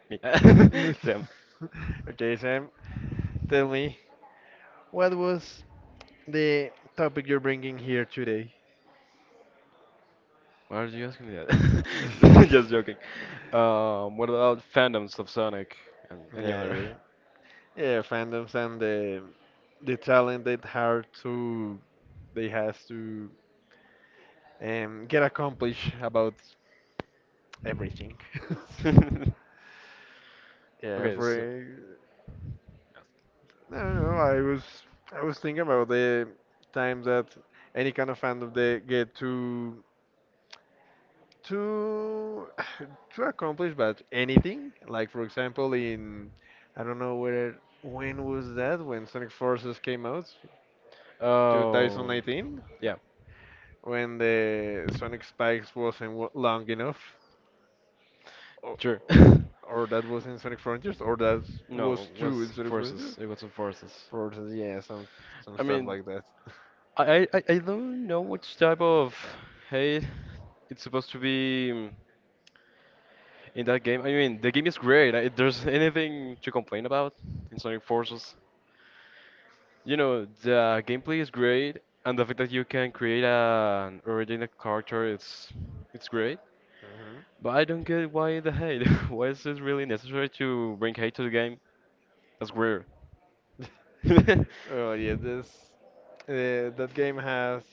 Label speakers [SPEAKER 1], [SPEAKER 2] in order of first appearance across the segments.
[SPEAKER 1] Me. Sam,
[SPEAKER 2] Okay, Sam, tell me, what was the topic you're bringing here today?
[SPEAKER 1] why are you asking me that? Just joking. What about fandoms of Sonic and any
[SPEAKER 2] Yeah,
[SPEAKER 1] other?
[SPEAKER 2] yeah, yeah, fandoms and the talent that hard to they has to get accomplished about everything. Yeah,
[SPEAKER 1] Okay,
[SPEAKER 2] for I don't know, I was thinking about the time that any kind of fandom they get to to accomplish but anything, like for example, in I don't know where, when was that when Sonic Forces came out,
[SPEAKER 1] um,
[SPEAKER 2] 2019,
[SPEAKER 1] yeah,
[SPEAKER 2] when the Sonic spikes wasn't long enough, or,
[SPEAKER 1] sure.
[SPEAKER 2] or that was in Sonic Frontiers, or that
[SPEAKER 1] No,
[SPEAKER 2] was
[SPEAKER 1] it
[SPEAKER 2] two
[SPEAKER 1] was
[SPEAKER 2] in Sonic Frontiers.
[SPEAKER 1] forces. It was in forces.
[SPEAKER 2] Forces, yeah, some
[SPEAKER 1] I
[SPEAKER 2] stuff
[SPEAKER 1] mean,
[SPEAKER 2] like that.
[SPEAKER 1] I don't know which type of hate it's supposed to be, in that game. I mean, the game is great. There's anything to complain about in Sonic Forces. You know, the gameplay is great, and the fact that you can create an original character, it's great.
[SPEAKER 2] Hmm.
[SPEAKER 1] But I don't get why the hate. Why is it really necessary to bring hate to the game? That's weird.
[SPEAKER 2] Oh yeah, this that game has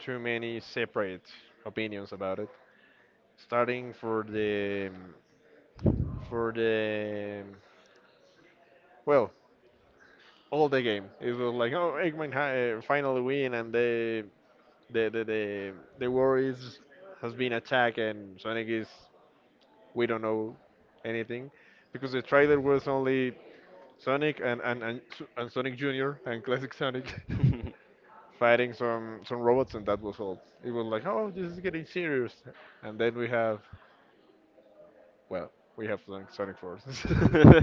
[SPEAKER 2] too many separate opinions about it, starting for the, for the well, all the game. It was like, oh, Eggman finally win, and the the the, the war is has been attacked, and Sonic is, we don't know anything, because the trailer was only Sonic and Sonic Jr. and Classic Sonic. Fighting some robots, and that was all. It was like, oh, this is getting serious, and then we have, well, we have Sonic Forces.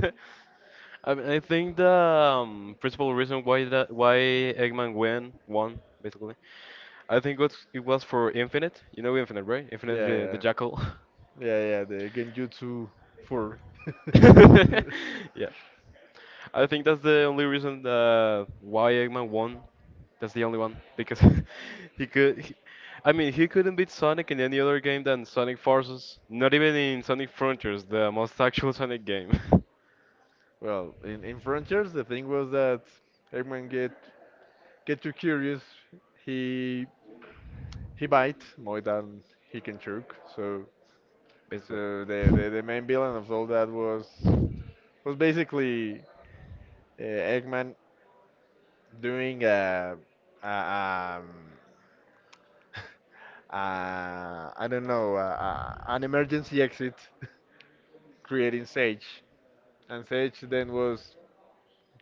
[SPEAKER 1] I mean, I think the principal reason why Eggman win won basically, I think what's it was for Infinite. You know Infinite, right? Infinite,
[SPEAKER 2] Yeah,
[SPEAKER 1] the
[SPEAKER 2] yeah.
[SPEAKER 1] Jackal.
[SPEAKER 2] Yeah, yeah, the Genjutsu 4.
[SPEAKER 1] Yeah, I think that's the only reason why Eggman won. That's the only one because he could. I mean, he couldn't beat Sonic in any other game than Sonic Forces. Not even in Sonic Frontiers, the most actual Sonic game,
[SPEAKER 2] Well, in Frontiers, the thing was that Eggman get too curious. He bite more than he can choke. So
[SPEAKER 1] basically.
[SPEAKER 2] so the main villain of all that was basically Eggman doing a um I don't know, an emergency exit, creating Sage, and Sage then was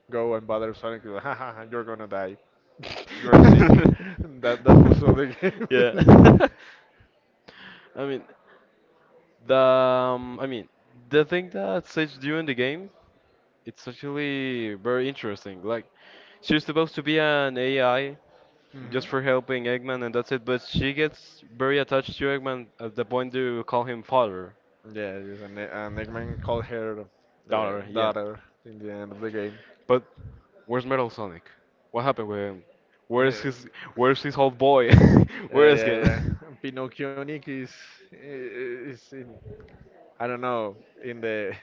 [SPEAKER 2] go and bother Sonic. Like, ha, ha, ha, you're gonna die. You're sick. that that was all the game.
[SPEAKER 1] Yeah. I mean, the the thing that Sage do in the game, it's actually very interesting. Like, she's supposed to be an AI
[SPEAKER 2] Hmm.
[SPEAKER 1] just for helping Eggman, and that's it. But she gets very attached to Eggman at the point to call him father,
[SPEAKER 2] Yeah, yes, and, and Eggman called her the
[SPEAKER 1] daughter. Yeah.
[SPEAKER 2] daughter in the end of the game.
[SPEAKER 1] But where's Metal Sonic? What happened with him? Where's
[SPEAKER 2] Yeah,
[SPEAKER 1] his Where's his old boy? Where
[SPEAKER 2] yeah,
[SPEAKER 1] is
[SPEAKER 2] yeah. Yeah.
[SPEAKER 1] him?
[SPEAKER 2] Pinocchionic is in, I don't know, in the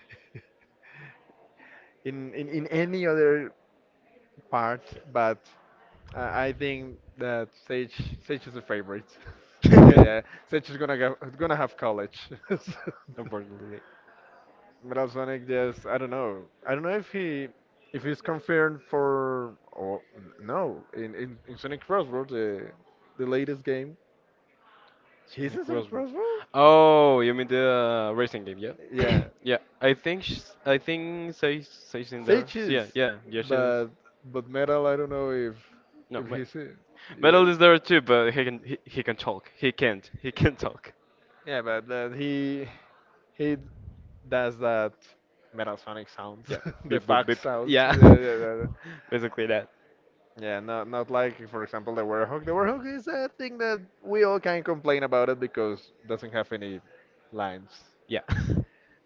[SPEAKER 2] in in any other part, but I think that Sage is the favorite. Yeah, yeah. Sage is gonna gonna have college.
[SPEAKER 1] Unfortunately,
[SPEAKER 2] Metal Sonic, yes, I don't know. I don't know if he if he's confirmed for, or no, in in Sonic Crossroads, the latest game. He's in
[SPEAKER 1] Sonic
[SPEAKER 2] Sonic
[SPEAKER 1] Roswell.
[SPEAKER 2] Crossroads?
[SPEAKER 1] Oh, you mean the racing game? Yeah,
[SPEAKER 2] Yeah,
[SPEAKER 1] yeah. I think I think Sage in there.
[SPEAKER 2] Sage
[SPEAKER 1] So yeah,
[SPEAKER 2] is,
[SPEAKER 1] yeah, yeah. She's
[SPEAKER 2] but but Metal, I don't know
[SPEAKER 1] no.
[SPEAKER 2] if he's in. Yeah.
[SPEAKER 1] Metal is there too, but he can talk. He can't. He can talk.
[SPEAKER 2] Yeah, but he he does that Metal Sonic sounds,
[SPEAKER 1] Yeah.
[SPEAKER 2] the
[SPEAKER 1] Beep boop
[SPEAKER 2] fox
[SPEAKER 1] beep.
[SPEAKER 2] sounds.
[SPEAKER 1] Yeah.
[SPEAKER 2] Yeah, yeah, yeah.
[SPEAKER 1] Basically that.
[SPEAKER 2] Yeah, not not like, for example, the werehog. The werehog is a thing that we all can complain about it because doesn't have any lines.
[SPEAKER 1] Yeah.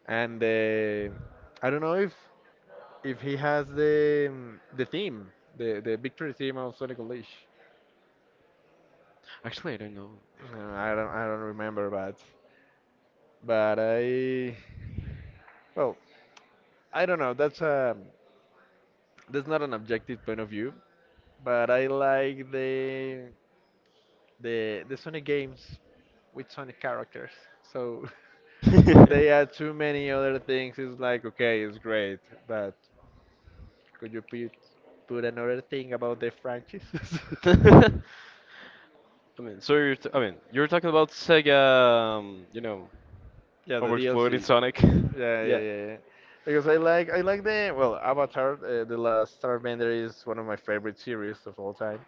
[SPEAKER 2] And I don't know if he has the the theme, the victory theme of Sonic Unleashed.
[SPEAKER 1] Actually, I don't know.
[SPEAKER 2] No, I don't remember, but I, well, I don't know. That's not an objective point of view, but I like the, the Sonic games with Sonic characters. So when they add too many other things, it's like, okay, it's great, but could you put another thing about the franchise?
[SPEAKER 1] I mean, so you're I mean, you're talking about Sega,
[SPEAKER 2] Yeah, the
[SPEAKER 1] overexploding
[SPEAKER 2] DLC. Yeah,
[SPEAKER 1] Sonic.
[SPEAKER 2] yeah,
[SPEAKER 1] Yeah.
[SPEAKER 2] yeah, yeah. Because I like the, well, Avatar, The Last Airbender is one of my favorite series of all time,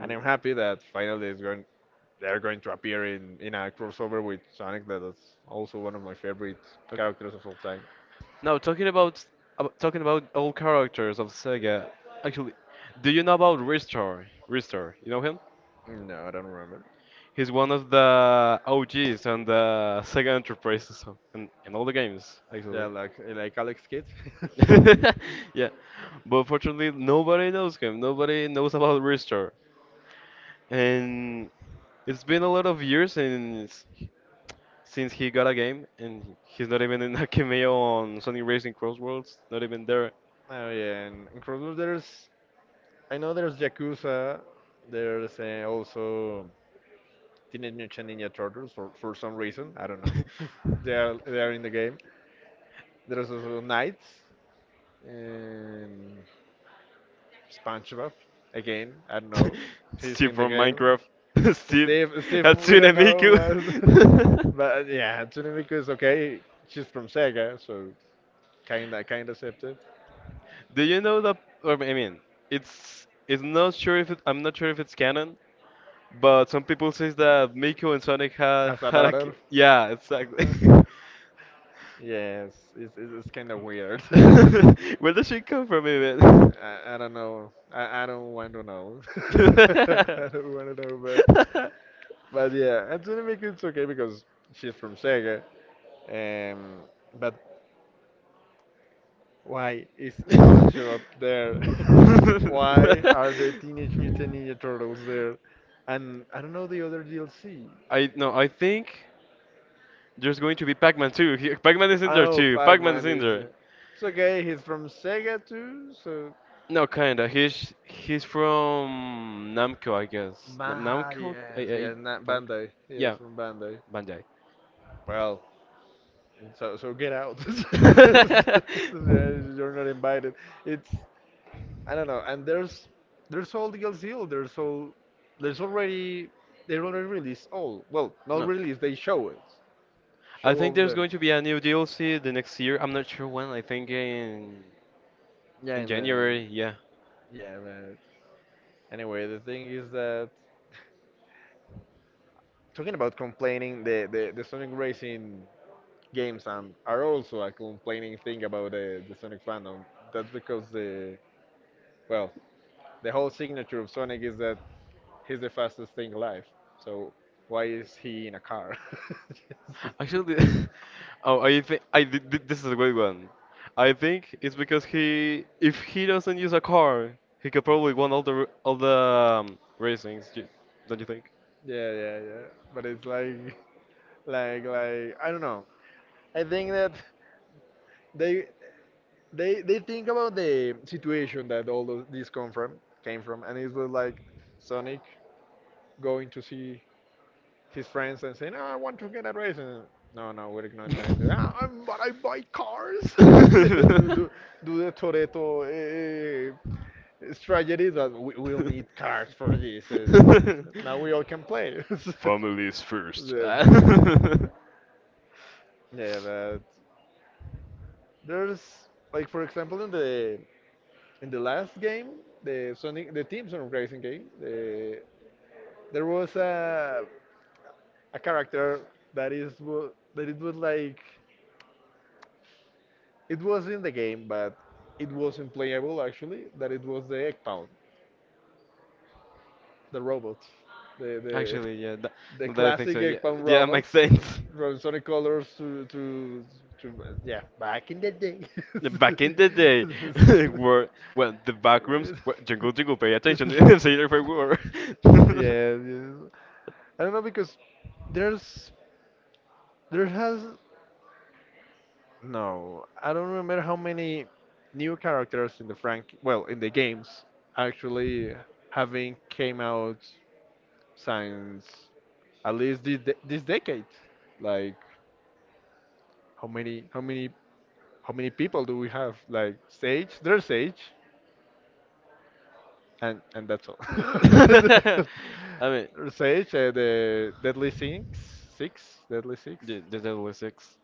[SPEAKER 2] and I'm happy that finally it's going, they're going to appear in a crossover with Sonic. That is also one of my favorite
[SPEAKER 1] Okay.
[SPEAKER 2] characters of all time.
[SPEAKER 1] Now talking about talking about all characters of Sega. Actually, do you know about Ristar? Ristar, you know him?
[SPEAKER 2] No, I don't remember.
[SPEAKER 1] He's one of the OGs on the Sega Enterprises and in all the games,
[SPEAKER 2] Yeah,
[SPEAKER 1] actually.
[SPEAKER 2] like Alex Kidd.
[SPEAKER 1] Yeah, but fortunately, nobody knows him. Nobody knows about Restore, and it's been a lot of years since he got a game, and he's not even in a cameo on Sonic Racing Crossworlds. Not even there.
[SPEAKER 2] Oh yeah, and in Crossroads there's, I know there's Yakuza, there's also Teenage Mutant Ninja Turtles for some reason I don't know. They are in the game. There's also Knights, and SpongeBob, again I don't know. He's
[SPEAKER 1] Steve
[SPEAKER 2] in the
[SPEAKER 1] from
[SPEAKER 2] game.
[SPEAKER 1] Minecraft. Steve,
[SPEAKER 2] Steve we
[SPEAKER 1] Hatsune
[SPEAKER 2] don't know, but
[SPEAKER 1] Miku.
[SPEAKER 2] but yeah, Tsunemiku is okay. She's from Sega, so kinda kinda accepted.
[SPEAKER 1] Do you know that? Or, I mean, it's not sure if I'm not sure if it's canon, but some people says that Miku and Sonic had
[SPEAKER 2] Has a
[SPEAKER 1] had a
[SPEAKER 2] daughter.
[SPEAKER 1] yeah, exactly.
[SPEAKER 2] Yes, it's kind of weird.
[SPEAKER 1] Where does she come from even?
[SPEAKER 2] I don't know. I don't want to know. I don't want to know, but yeah, Anthony Mickens it's okay because she's from Sega. Um, but why is SpongeBob there? Why are the Teenage Mutant Ninja Turtles there? And I don't know the other DLC.
[SPEAKER 1] I no, I think there's going to be Pac-Man too. Pac-Man is in there
[SPEAKER 2] Oh,
[SPEAKER 1] too. Pac-Man is
[SPEAKER 2] Pac-Man
[SPEAKER 1] in
[SPEAKER 2] is
[SPEAKER 1] there.
[SPEAKER 2] there. It's okay. He's from Sega too, so.
[SPEAKER 1] No, kinda. He's from Namco, I guess. Nam-
[SPEAKER 2] Ah,
[SPEAKER 1] Namco?
[SPEAKER 2] yes, yes, not
[SPEAKER 1] Ban-
[SPEAKER 2] Bandai.
[SPEAKER 1] yeah,
[SPEAKER 2] Yes, from Bandai.
[SPEAKER 1] Bandai.
[SPEAKER 2] Well, so, so get out. Yeah, you're not invited. It's, I don't know. And there's all DLC. There's all, there's already, they already released all. Well, not
[SPEAKER 1] No.
[SPEAKER 2] release. They show it.
[SPEAKER 1] I
[SPEAKER 2] Show
[SPEAKER 1] think
[SPEAKER 2] all of
[SPEAKER 1] there's
[SPEAKER 2] them.
[SPEAKER 1] going to be a new DLC the next year. I'm not sure when. I think in
[SPEAKER 2] Yeah,
[SPEAKER 1] in
[SPEAKER 2] in the,
[SPEAKER 1] January. Yeah.
[SPEAKER 2] yeah. But anyway, the thing is that talking about complaining, the Sonic Racing games and are also a complaining thing about the Sonic fandom. That's because the, well, the whole signature of Sonic is that he's the fastest thing alive. So why is he in a car? Just-
[SPEAKER 1] Actually, oh, I think this is a great one. I think it's because if he doesn't use a car, he could probably win all the racings. Don't you think?
[SPEAKER 2] yeah, yeah, yeah. But it's like, I don't know. I think that they they think about the situation that all of this come from, came from, and it was like Sonic going to see his friends and saying, oh, "I want to get a race." And, no, no, we're not going to. Ah, I'm- but I buy cars. do, do, do the Toretto it's tragedy that we, will need cards for this, and now we all can play.
[SPEAKER 1] Families first.
[SPEAKER 2] Yeah, yeah, but there's, like, for example, in the, last game, the Sonic, the Team Sonic Racing game, there was a character that that it was like, it was in the game, but it wasn't playable actually. That it was the Egg Pound, the robot, the the
[SPEAKER 1] Actually, yeah,
[SPEAKER 2] the
[SPEAKER 1] now that I think so,
[SPEAKER 2] classic
[SPEAKER 1] yeah,
[SPEAKER 2] egg pan
[SPEAKER 1] yeah, makes
[SPEAKER 2] robots
[SPEAKER 1] sense.
[SPEAKER 2] from Sonic Colors to, yeah, back in the day.
[SPEAKER 1] Back in the day, were well, the back rooms were jingle jingle. Pay attention, say it for war.
[SPEAKER 2] Yeah, yeah. I don't know because there's there has no, I don't remember how many new characters in the Frank, well, in the games actually having came out since at least this decade. Like how many, how many people do we have? Like Sage, there's Sage, and that's all.
[SPEAKER 1] I mean,
[SPEAKER 2] There's Sage, the Deadly Six, Deadly Six.
[SPEAKER 1] the Deadly Six.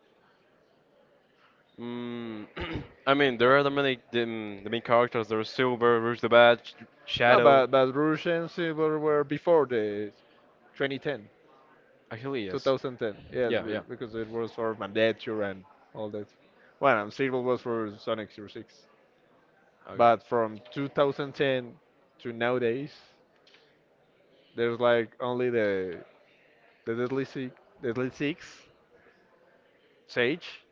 [SPEAKER 1] Mm, I mean, there are the main characters. There's Silver, Rouge the Bad, Sh-
[SPEAKER 2] No,
[SPEAKER 1] Shadow.
[SPEAKER 2] but Russian Silver were before the 2010,
[SPEAKER 1] Actually, yes.
[SPEAKER 2] 2010. Yes,
[SPEAKER 1] Yeah,
[SPEAKER 2] be-
[SPEAKER 1] yeah.
[SPEAKER 2] because it was for Mandature and all that. Well, and Silver was for Sonic Zero 06.
[SPEAKER 1] Okay.
[SPEAKER 2] But from 2010 to nowadays, there's like only the Deadly Six, Deadly Six, Sage,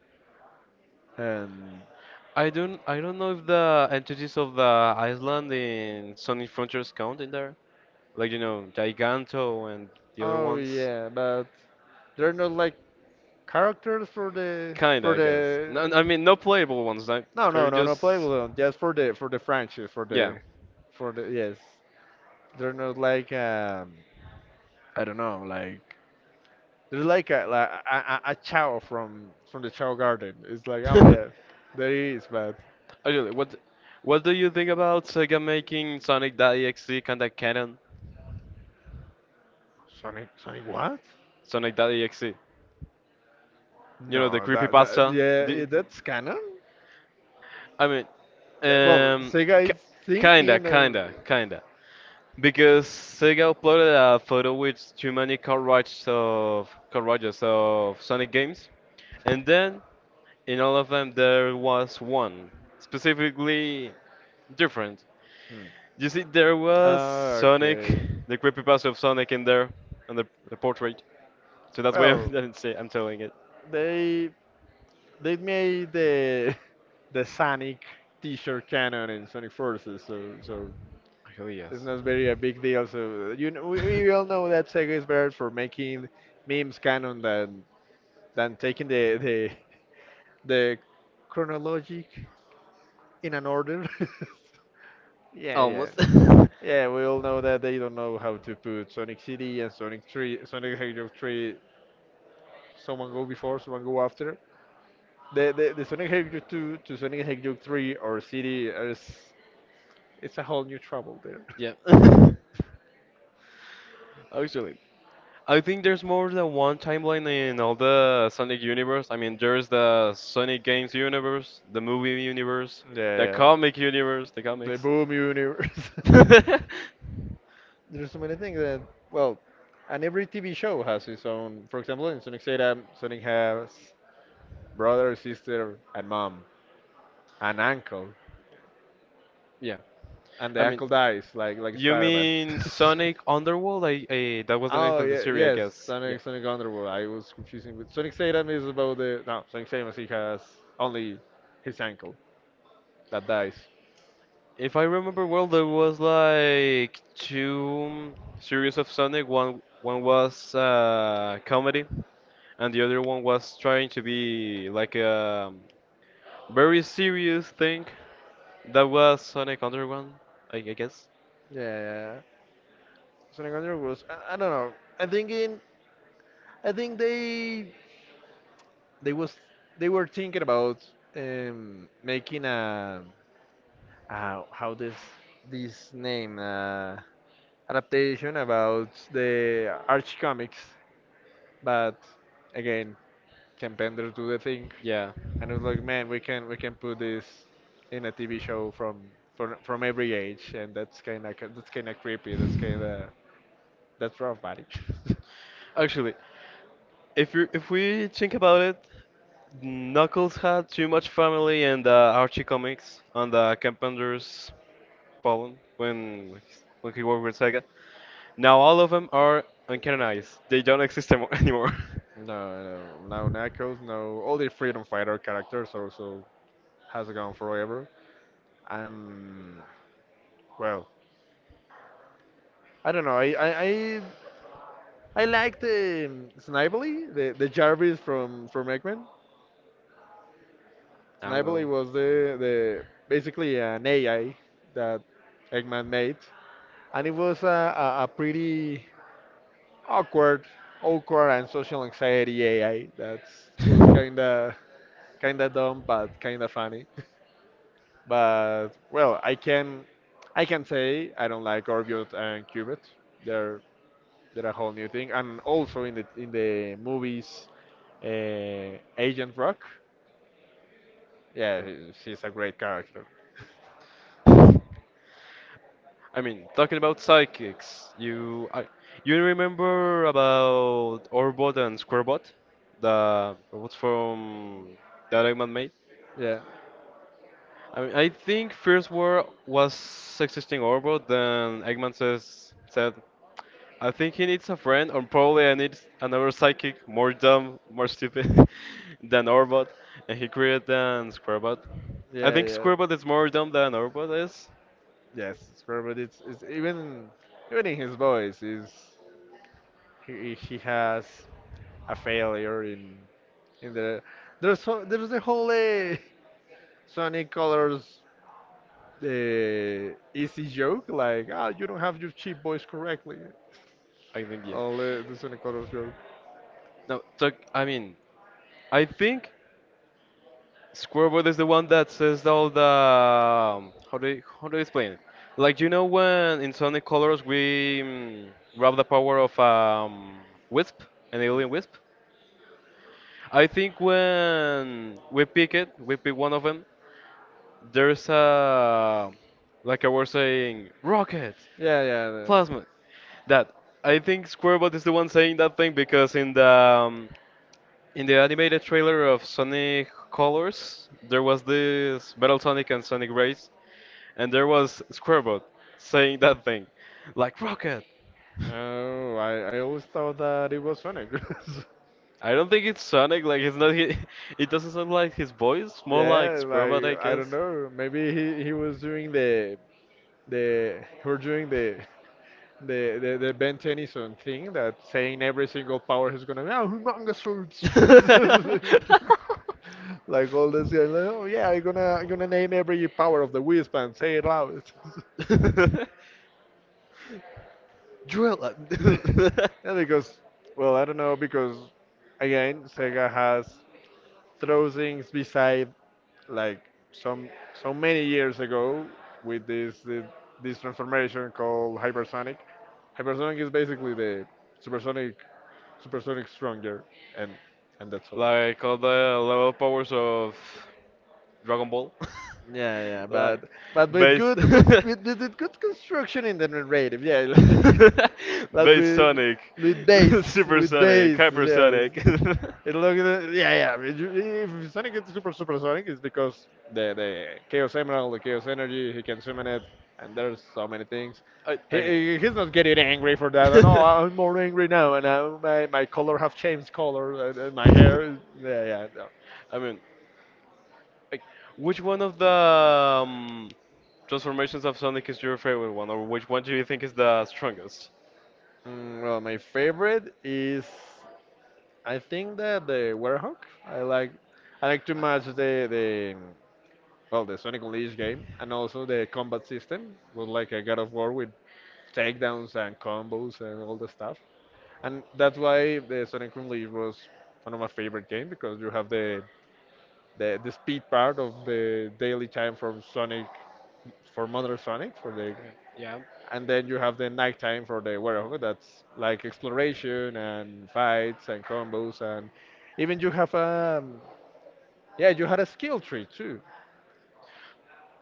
[SPEAKER 2] and—
[SPEAKER 1] I don't know if the entities of the island in Sonic Frontiers count in there. Like you know, Giganto and the other
[SPEAKER 2] oh
[SPEAKER 1] ones.
[SPEAKER 2] yeah, but they're not like characters for the,
[SPEAKER 1] Kinda, I guess. No, I mean, no playable ones. Like,
[SPEAKER 2] No,
[SPEAKER 1] they're
[SPEAKER 2] no, no, no
[SPEAKER 1] just
[SPEAKER 2] playable one. Just for the, franchise, for
[SPEAKER 1] yeah.
[SPEAKER 2] the, for the, yes. They're not like, I don't know, like, they're like a, like a Chow from the Chow Garden. It's like, oh yeah, there he is. But
[SPEAKER 1] Actually, what do you think about Sega making Sonic.exe kinda canon?
[SPEAKER 2] Sonic, what?
[SPEAKER 1] Sonic.exe. You know the
[SPEAKER 2] No, that that
[SPEAKER 1] creepypasta.
[SPEAKER 2] yeah,
[SPEAKER 1] The,
[SPEAKER 2] yeah, that's canon.
[SPEAKER 1] I mean,
[SPEAKER 2] That, well,
[SPEAKER 1] um,
[SPEAKER 2] Sega is
[SPEAKER 1] ki- kinda,
[SPEAKER 2] thinking of,
[SPEAKER 1] kinda, kinda. Because Sega uploaded a photo with too many cartridges of Sonic games, and then in all of them, there was one specifically different.
[SPEAKER 2] Hmm.
[SPEAKER 1] You see, there was Sonic,
[SPEAKER 2] Okay.
[SPEAKER 1] the creepypasta of Sonic in there, on the portrait. So that's why I
[SPEAKER 2] Well,
[SPEAKER 1] didn't say I'm telling it.
[SPEAKER 2] they they made the the Sonic T-shirt canon in Sonic Forces, so so
[SPEAKER 1] Actually,
[SPEAKER 2] it's
[SPEAKER 1] yes.
[SPEAKER 2] not very a big deal. So you know, we all know that Sega is better for making memes canon than taking the the chronologic in an order. yeah, yeah.
[SPEAKER 1] Almost.
[SPEAKER 2] Yeah, we all know that they don't know how to put Sonic CD and Sonic 3, Sonic the Hedgehog 3, someone go before, someone go after. The Sonic Hedgehog 2 to Sonic Hedgehog 3 or City, is it's a whole new trouble there.
[SPEAKER 1] Yeah. Actually. I think there's more than one timeline in all the Sonic universe. I mean, there's the Sonic games universe, the movie universe, the
[SPEAKER 2] Yeah, yeah.
[SPEAKER 1] comic universe, the
[SPEAKER 2] The
[SPEAKER 1] comics.
[SPEAKER 2] Boom Universe. There's so many things that, well, and every TV show has its own. For example, in Sonic Zeta, Sonic has brother, sister, and mom, and uncle,
[SPEAKER 1] Yeah,
[SPEAKER 2] and the
[SPEAKER 1] I mean,
[SPEAKER 2] uncle dies like
[SPEAKER 1] you
[SPEAKER 2] Spider-Man.
[SPEAKER 1] mean Sonic Underworld? I that was the name
[SPEAKER 2] Oh
[SPEAKER 1] of the
[SPEAKER 2] yeah,
[SPEAKER 1] series, I
[SPEAKER 2] yes,
[SPEAKER 1] guess. Yeah.
[SPEAKER 2] Sonic Underworld. I was confusing with Sonic Satan. Is about the, no, Sonic Satan he has only his ankle that dies.
[SPEAKER 1] If I remember well, there was like two series of Sonic. One was comedy, and the other one was trying to be like a very serious thing. That was Sonic Underground, I guess.
[SPEAKER 2] Yeah, Sonic Underworld was, I don't know. I think in I think they was they were thinking about making a, how this this name adaptation about the Arch comics, but again Campender do the thing.
[SPEAKER 1] Yeah.
[SPEAKER 2] And it was like, man, we can put this in a TV show from from every age, and that's kind of creepy. That's kind of that's rough, buddy.
[SPEAKER 1] Actually, if you if we think about it, Knuckles had too much family in the Archie comics on the Carpenter's Pollen when he worked with Sega. Now all of them are uncanonized. They don't exist anymore.
[SPEAKER 2] No, no, no Knuckles, no. All the Freedom Fighter characters also has gone forever. Um, well, I don't know. I liked Snively, the Jarvis from Eggman.
[SPEAKER 1] I don't
[SPEAKER 2] Snively
[SPEAKER 1] know.
[SPEAKER 2] was the basically an AI that Eggman made, and it was a pretty awkward, awkward and social anxiety AI that was kinda kinda dumb but kinda funny. But well, I can say I don't like Orbiot and Cubit. They're a whole new thing, and also in the, movies, Agent Rock. Yeah, she's a great character.
[SPEAKER 1] Good. I mean, talking about psychics, you remember about Orbot and Squarebot, the robots from that Eggman made?
[SPEAKER 2] Yeah,
[SPEAKER 1] I mean, I think First War was existing Orbot, then Eggman says said, I think he needs a friend, or probably I need another psychic, more dumb, more stupid than Orbot, and he created then Squarebot. I
[SPEAKER 2] yeah,
[SPEAKER 1] think
[SPEAKER 2] yeah.
[SPEAKER 1] Squarebot is more dumb than Orbot is.
[SPEAKER 2] Yes, Squirrel, but it's even even in his voice is he has a failure in the there's so, there's the whole Sonic Colors easy joke like ah you don't have your cheap boys correctly.
[SPEAKER 1] I think yes.
[SPEAKER 2] All the Sonic Colors joke.
[SPEAKER 1] No, I mean, I think Squarebot is the one that says all the how do you explain it? Like you know, when in Sonic Colors we grab the power of Wisp, an alien Wisp. I think when we pick it, we pick one of them. There's a like I was saying, rocket,
[SPEAKER 2] Yeah, yeah.
[SPEAKER 1] plasma. That I think Squarebot is the one saying that thing because in the animated trailer of Sonic Colors, there was this Metal Sonic and Sonic Race, and there was Squarebot saying that thing, like Rocket.
[SPEAKER 2] No, I always thought that it was Sonic.
[SPEAKER 1] I don't think it's Sonic. Like it's not. It doesn't sound like his voice. More like
[SPEAKER 2] Yeah,
[SPEAKER 1] Squarebot, I
[SPEAKER 2] like I don't
[SPEAKER 1] guess.
[SPEAKER 2] know. Maybe he was doing the he was doing the the Ben Tennyson thing that saying every single power is gonna be oh humongous Like all this, yeah, like, oh yeah, I'm gonna name every power of the Wisp and say it loud.
[SPEAKER 1] Drill it.
[SPEAKER 2] yeah, because well, I don't know because again, Sega has throw things beside like some so many years ago with this transformation called hypersonic. Hypersonic is basically the supersonic supersonic stronger and and that's all.
[SPEAKER 1] Like all the level powers of Dragon Ball.
[SPEAKER 2] Yeah, yeah,
[SPEAKER 1] Like
[SPEAKER 2] but with
[SPEAKER 1] base.
[SPEAKER 2] good with with good construction in the narrative, yeah, like, like
[SPEAKER 1] Bass Sonic, Super
[SPEAKER 2] with
[SPEAKER 1] Sonic,
[SPEAKER 2] bass, yes.
[SPEAKER 1] Hypersonic.
[SPEAKER 2] It looks, yeah, yeah. If you- if Sonic is super supersonic, it's because the Chaos Emerald, the Chaos Energy, he can summon it, and there's so many things.
[SPEAKER 1] I, I mean.
[SPEAKER 2] He's not getting angry for that. No, I'm more angry now, and I, my color have changed color, and my hair, is- yeah, yeah. No.
[SPEAKER 1] I mean, like, which one of the transformations of Sonic is your favorite one, or which one do you think is the strongest?
[SPEAKER 2] Mm, well, my favorite is. I think that the Werehog. I like I like to match the well the Sonic Unleashed game and also the combat system was like a God of War with takedowns and combos and all the stuff. And that's why the Sonic Unleashed was one of my favorite games because you have the the speed part of the daily time for Sonic for Mother Sonic for the
[SPEAKER 1] Okay. Yeah.
[SPEAKER 2] and then you have the night time for the Werehog that's like exploration and fights and combos and even you have a yeah, you had a skill tree too.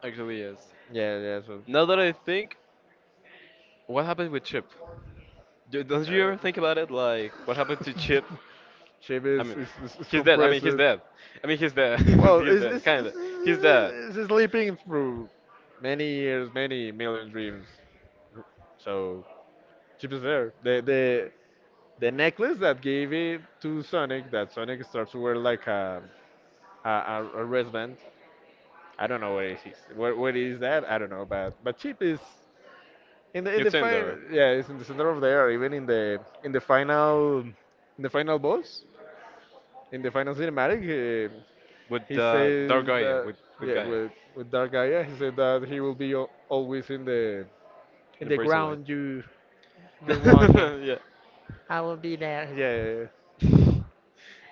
[SPEAKER 1] Actually, yes.
[SPEAKER 2] Yeah, yeah. So.
[SPEAKER 1] Now that I think, what happened with Chip? Don't you ever think about it? Like, what happened to
[SPEAKER 2] Uh,
[SPEAKER 1] Chip?
[SPEAKER 2] Shame
[SPEAKER 1] I mean,
[SPEAKER 2] is,
[SPEAKER 1] he's dead. I mean,
[SPEAKER 2] compressed.
[SPEAKER 1] he's dead. I mean, he's dead.
[SPEAKER 2] Well,
[SPEAKER 1] He's dead. Kinda. He's dead.
[SPEAKER 2] it's sleeping through many years, many million dreams. So Chip is there. The necklace that gave it to Sonic, that Sonic starts to wear like a a wristband. I don't know what it is. What is that? I don't know. But Chip is in the in
[SPEAKER 1] You
[SPEAKER 2] the
[SPEAKER 1] in
[SPEAKER 2] final,
[SPEAKER 1] there.
[SPEAKER 2] yeah, it's in the center of there. Even in the final boss, in the final cinematic,
[SPEAKER 1] With
[SPEAKER 2] he
[SPEAKER 1] Dark
[SPEAKER 2] says
[SPEAKER 1] Gaia.
[SPEAKER 2] that
[SPEAKER 1] With
[SPEAKER 2] yeah,
[SPEAKER 1] Gaia.
[SPEAKER 2] with Dark Gaia, he said that he will be al- always
[SPEAKER 1] In
[SPEAKER 2] in
[SPEAKER 1] the
[SPEAKER 2] the
[SPEAKER 1] Brazen way.
[SPEAKER 2] ground you you're walking.
[SPEAKER 1] Yeah.
[SPEAKER 2] Yeah, yeah, yeah.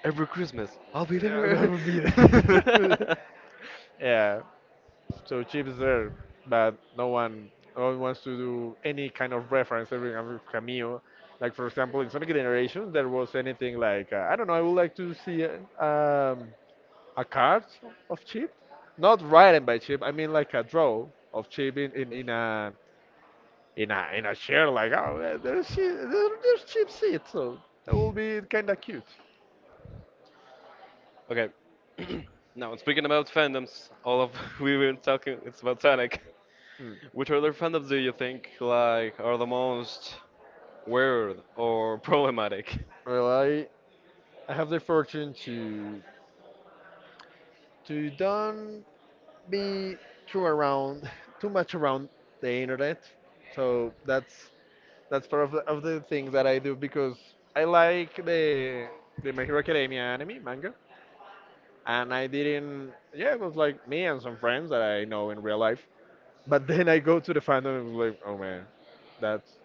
[SPEAKER 1] Every Christmas, I'll be
[SPEAKER 2] Yeah, that
[SPEAKER 1] there.
[SPEAKER 2] would be there. yeah, so cheap is there, but no one, no one wants to do any kind of reference every cameo. Like for example, in Sonic Generations, there was anything like I don't know. I would like to see a card of Chip, not written by Chip. I mean like a draw of Chip in a in a in a chair. Like oh, there's Chi- there, there's Chip's seat. So that will be kind of cute.
[SPEAKER 1] Okay. Now, speaking about fandoms, all of we were talking, it's about Sonic.
[SPEAKER 2] Hmm.
[SPEAKER 1] Which other fandoms do you think, like, are the most weird or problematic?
[SPEAKER 2] Well, I have the fortune to done be too around too much around the internet so that's part of of the things that I do because I like the my hero academia anime manga and I didn't yeah it was like me and some friends that I know in real life but then I go to the fandom and was like oh man that's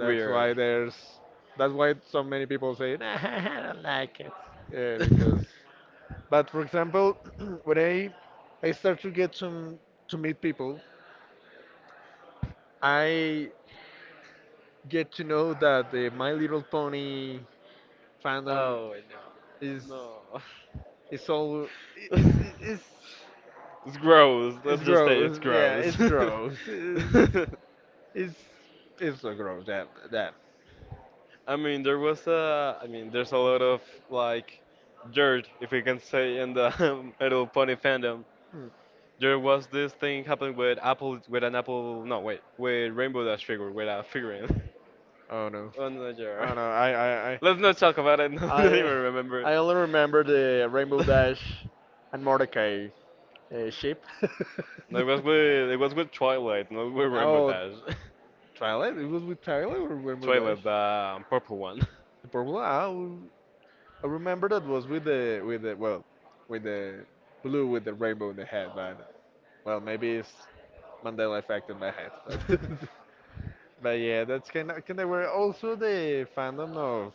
[SPEAKER 1] Weird.
[SPEAKER 2] why there's that's why so many people say nah, I don't like it yeah because but for example when I start to get some to meet people I get to know that the My Little Pony fandom
[SPEAKER 1] Oh
[SPEAKER 2] is
[SPEAKER 1] no,
[SPEAKER 2] is all
[SPEAKER 1] no.
[SPEAKER 2] it's it's
[SPEAKER 1] It's gross.
[SPEAKER 2] it's
[SPEAKER 1] Let's just say it's
[SPEAKER 2] gross. Yeah,
[SPEAKER 1] gross.
[SPEAKER 2] it's gross. It's it's so gross. That that.
[SPEAKER 1] I mean, there was a. I mean, there's a lot of like dirt, if we can say, in the Little Pony fandom.
[SPEAKER 2] Mm.
[SPEAKER 1] There was this thing happening with Apple, with an Apple. No, wait, with Rainbow Dash figure, with a figurine.
[SPEAKER 2] Oh no.
[SPEAKER 1] Oh no, jar.
[SPEAKER 2] Oh no. I.
[SPEAKER 1] Let's not talk about it. I don't even
[SPEAKER 2] I
[SPEAKER 1] remember it.
[SPEAKER 2] I only remember the Rainbow Dash and Mordecai ship.
[SPEAKER 1] No, it was with Twilight, not with Rainbow
[SPEAKER 2] Oh,
[SPEAKER 1] Dash.
[SPEAKER 2] Twilight? It was with Twilight or Rainbow
[SPEAKER 1] Trailer,
[SPEAKER 2] Dash?
[SPEAKER 1] the purple one.
[SPEAKER 2] The purple? Ah, I remember that was with the well, with the blue with the rainbow in the head, but well, maybe it's Mandela effect in my head. But but yeah, that's kind of where also the fandom of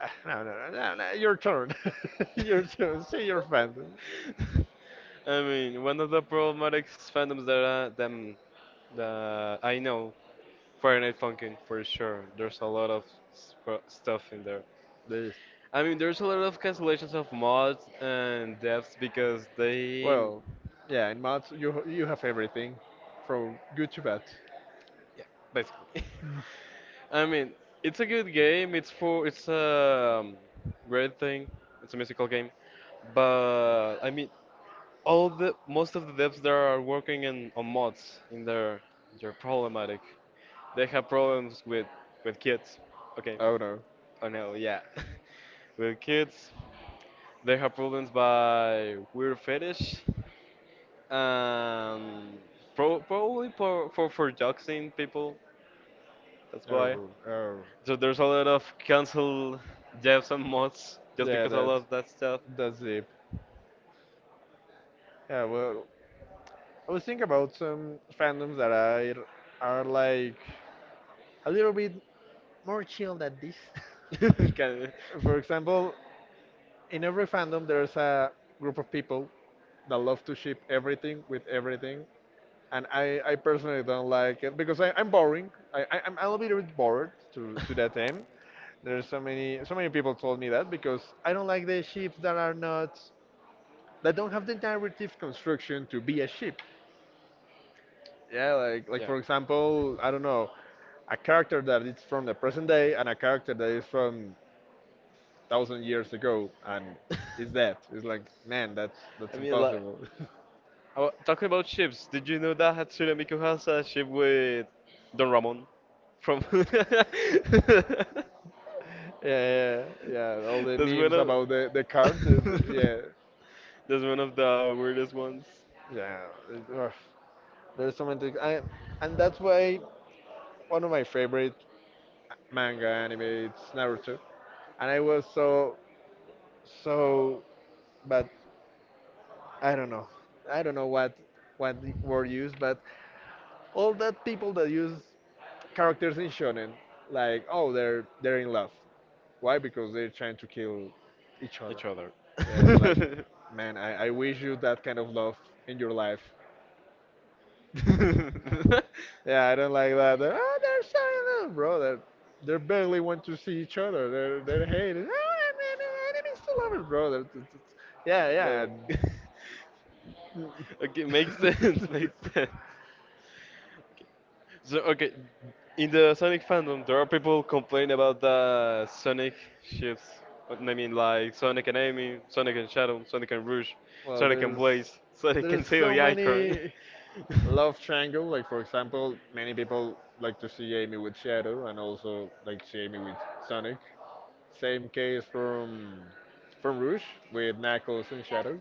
[SPEAKER 2] ah, no your turn, your turn. Say your fandom.
[SPEAKER 1] I mean, one of the problematic fandoms that them that I know, Fahrenheit Funkin' for sure. There's a lot of stuff in there.
[SPEAKER 2] The,
[SPEAKER 1] I mean, there's a lot of cancellations of mods and devs because
[SPEAKER 2] well, yeah, in mods you have everything, from good to bad.
[SPEAKER 1] yeah, basically. I mean, it's a good game. It's a great thing. It's a musical game, but I mean, all the most of the devs there are working in on mods in their problematic. They have problems with kids, okay.
[SPEAKER 2] Oh no.
[SPEAKER 1] Oh no, yeah. With kids, they have problems by weird fetish, um probably for doxing people. That's why.
[SPEAKER 2] Oh, oh.
[SPEAKER 1] So there's a lot of cancel devs and mods just
[SPEAKER 2] Yeah,
[SPEAKER 1] because of all
[SPEAKER 2] that,
[SPEAKER 1] of that stuff.
[SPEAKER 2] that's deep. Yeah, well, I was thinking about some fandoms that I are like a little bit more chill than this.
[SPEAKER 1] Kind of-
[SPEAKER 2] For example, in every fandom there's a group of people that love to ship everything with everything, I personally don't like it because I'm boring. I'm a little bit bored to that end. There's so many so many people told me that because I don't like the ships that are not that don't have the narrative construction to be a ship. Yeah, like
[SPEAKER 1] yeah,
[SPEAKER 2] for example, I don't know, a character that is from the present day and a character that is from thousand years ago and is dead. It's like man, that's
[SPEAKER 1] I mean, like,
[SPEAKER 2] impossible.
[SPEAKER 1] talking about chips, did you know that Hatsune Miku has a ship with Don Ramon from? That's
[SPEAKER 2] yeah, yeah, yeah. All the
[SPEAKER 1] one
[SPEAKER 2] memes about the card.
[SPEAKER 1] of.
[SPEAKER 2] Yeah,
[SPEAKER 1] That's one of the weirdest ones.
[SPEAKER 2] yeah. it- ugh. There's so many things. And that's why one of my favorite manga, anime, it's Naruto. And I was so so but I don't know. I don't know what the word used, but all that people that use characters in shonen like oh they're in love. Why? Because they're trying to kill each other.
[SPEAKER 1] Each other.
[SPEAKER 2] Yeah, it's like man, I wish you that kind of love in your life. Yeah, I don't like that. Oh, they're so in love, bro. They're, they barely want to see each other. They're hating. Oh, I'm enemies to lovers, bro. They're, it's- yeah, yeah.
[SPEAKER 1] Like, okay, makes sense,
[SPEAKER 2] and-
[SPEAKER 1] makes sense. So okay, in the Sonic fandom, there are people complaining about the Sonic shifts. I mean, like Sonic and Amy, Sonic and Shadow, Sonic and Rouge,
[SPEAKER 2] well,
[SPEAKER 1] Sonic and Blaze, Sonic and
[SPEAKER 2] there's
[SPEAKER 1] Tail
[SPEAKER 2] so
[SPEAKER 1] the Icon.
[SPEAKER 2] many love triangle. Like for example, many people like to see Amy with Shadow, and also like to see Amy with Sonic. Same case from Rouge with Knuckles and Shadow.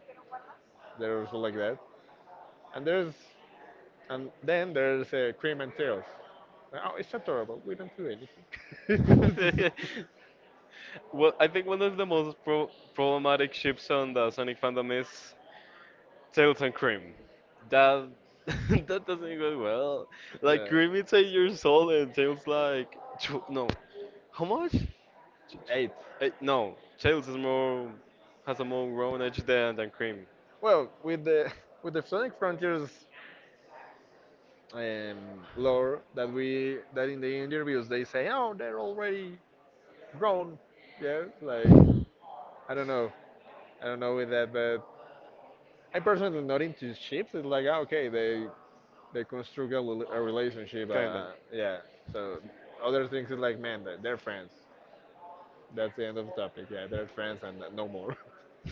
[SPEAKER 2] They're also like that. And there's and then there's cream and tails. Oh, it's adorable. We don't do anything.
[SPEAKER 1] Well, I think one of the most problematic ships on the Sonic fandom is Tails and cream. That that doesn't go well. Like
[SPEAKER 2] yeah.
[SPEAKER 1] cream is 8 years old and tails like no. How much?
[SPEAKER 2] Eight.
[SPEAKER 1] Eh, no, tails is more has a more grown age than cream.
[SPEAKER 2] Well, with the with the Sonic Frontiers um, lore that we that in the interviews they say, oh, they're already grown. Yeah, like I don't know, I don't know with that, but I'm personally not into ships. It's like, ah, okay, they construct a, li- a relationship.
[SPEAKER 1] Kinda.
[SPEAKER 2] Yeah. So other things is like, man, they're friends. That's the end of the topic. Yeah, they're friends and no more.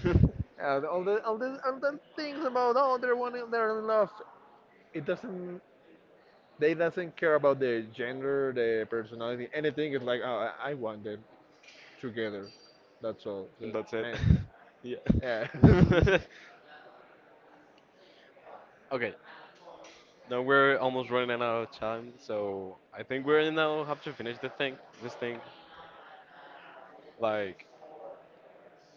[SPEAKER 2] All the all the all the things about oh they're one they're in love. It doesn't. They doesn't care about their gender, their personality, anything. It's like, oh, I want them together. That's all.
[SPEAKER 1] And
[SPEAKER 2] So,
[SPEAKER 1] that's it.
[SPEAKER 2] man. Yeah.
[SPEAKER 1] Yeah. Okay. Now we're almost running out of time, so I think we're now have to finish the thing. This thing, like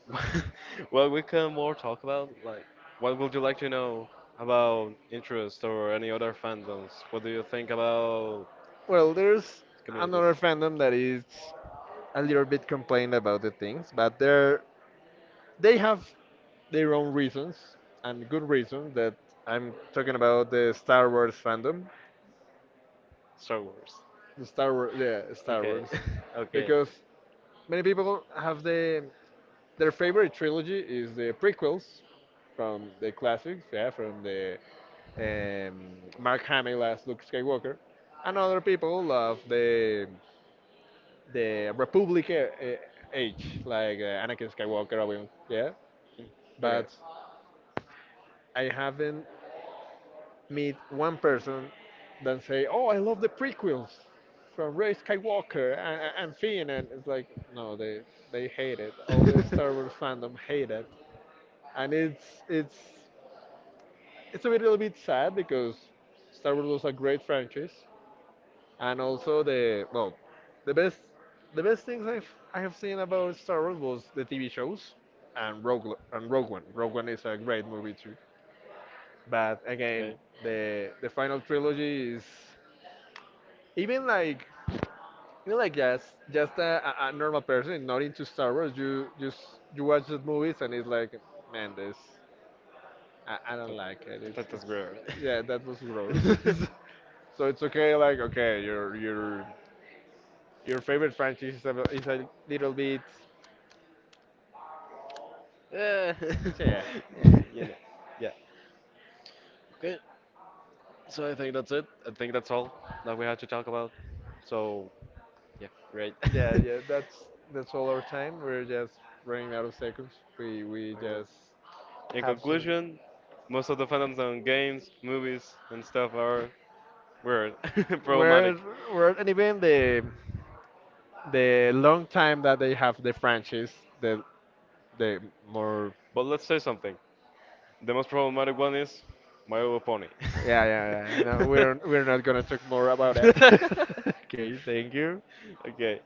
[SPEAKER 1] well, we can more talk about like what would you like to know about interest or any other fandoms? What do you think about
[SPEAKER 2] well, there's
[SPEAKER 1] communities?
[SPEAKER 2] another fandom that is a little bit complained about the things, but they're they have their own reasons and good reasons that I'm talking about the Star Wars fandom,
[SPEAKER 1] Star Wars.
[SPEAKER 2] the Star Wars, yeah, Star
[SPEAKER 1] Okay.
[SPEAKER 2] Wars,
[SPEAKER 1] Okay.
[SPEAKER 2] because many people have the their favorite trilogy is the prequels from the classics, yeah, from the um, Mark Hamill as Luke Skywalker, and other people love the Republic age, like Anakin Skywalker, Obi-Wan, yeah,
[SPEAKER 1] Okay.
[SPEAKER 2] but I haven't meet one person than say, "Oh, I love the prequels from Ray Skywalker and Finn," and it's like, no, they hate it. All the Star Wars fandom hate it, and it's a little bit sad because Star Wars was a great franchise, and also the well, the best the best things I have seen about Star Wars was the TV shows and Rogue Lo- and Rogue One. Rogue One is a great movie too, but again,
[SPEAKER 1] Okay.
[SPEAKER 2] the final trilogy is even like you know like just a normal person not into star wars you just you watch those movies and it's like man this I don't
[SPEAKER 1] That,
[SPEAKER 2] like
[SPEAKER 1] that's
[SPEAKER 2] it's
[SPEAKER 1] weird.
[SPEAKER 2] yeah that was gross so it's okay like okay your favorite franchise is is a little bit
[SPEAKER 1] Eh,
[SPEAKER 2] yeah yeah
[SPEAKER 1] you know. Yeah. Okay. So I think that's it. I think that's all that we had to talk about. So yeah, great.
[SPEAKER 2] yeah
[SPEAKER 1] By
[SPEAKER 2] yeah that's all our time we're just running out of seconds we
[SPEAKER 1] the way,
[SPEAKER 2] just
[SPEAKER 1] in
[SPEAKER 2] have some
[SPEAKER 1] conclusion, most of the fandoms on games, movies, and stuff are weird,
[SPEAKER 2] we're
[SPEAKER 1] problematic.
[SPEAKER 2] we're at an event. The long time that they have the franchise, the the more
[SPEAKER 1] But let's say something. The most problematic one is My Little Pony.
[SPEAKER 2] yeah yeah yeah. No, we're not gonna talk more about it. okay, thank you.
[SPEAKER 1] Okay.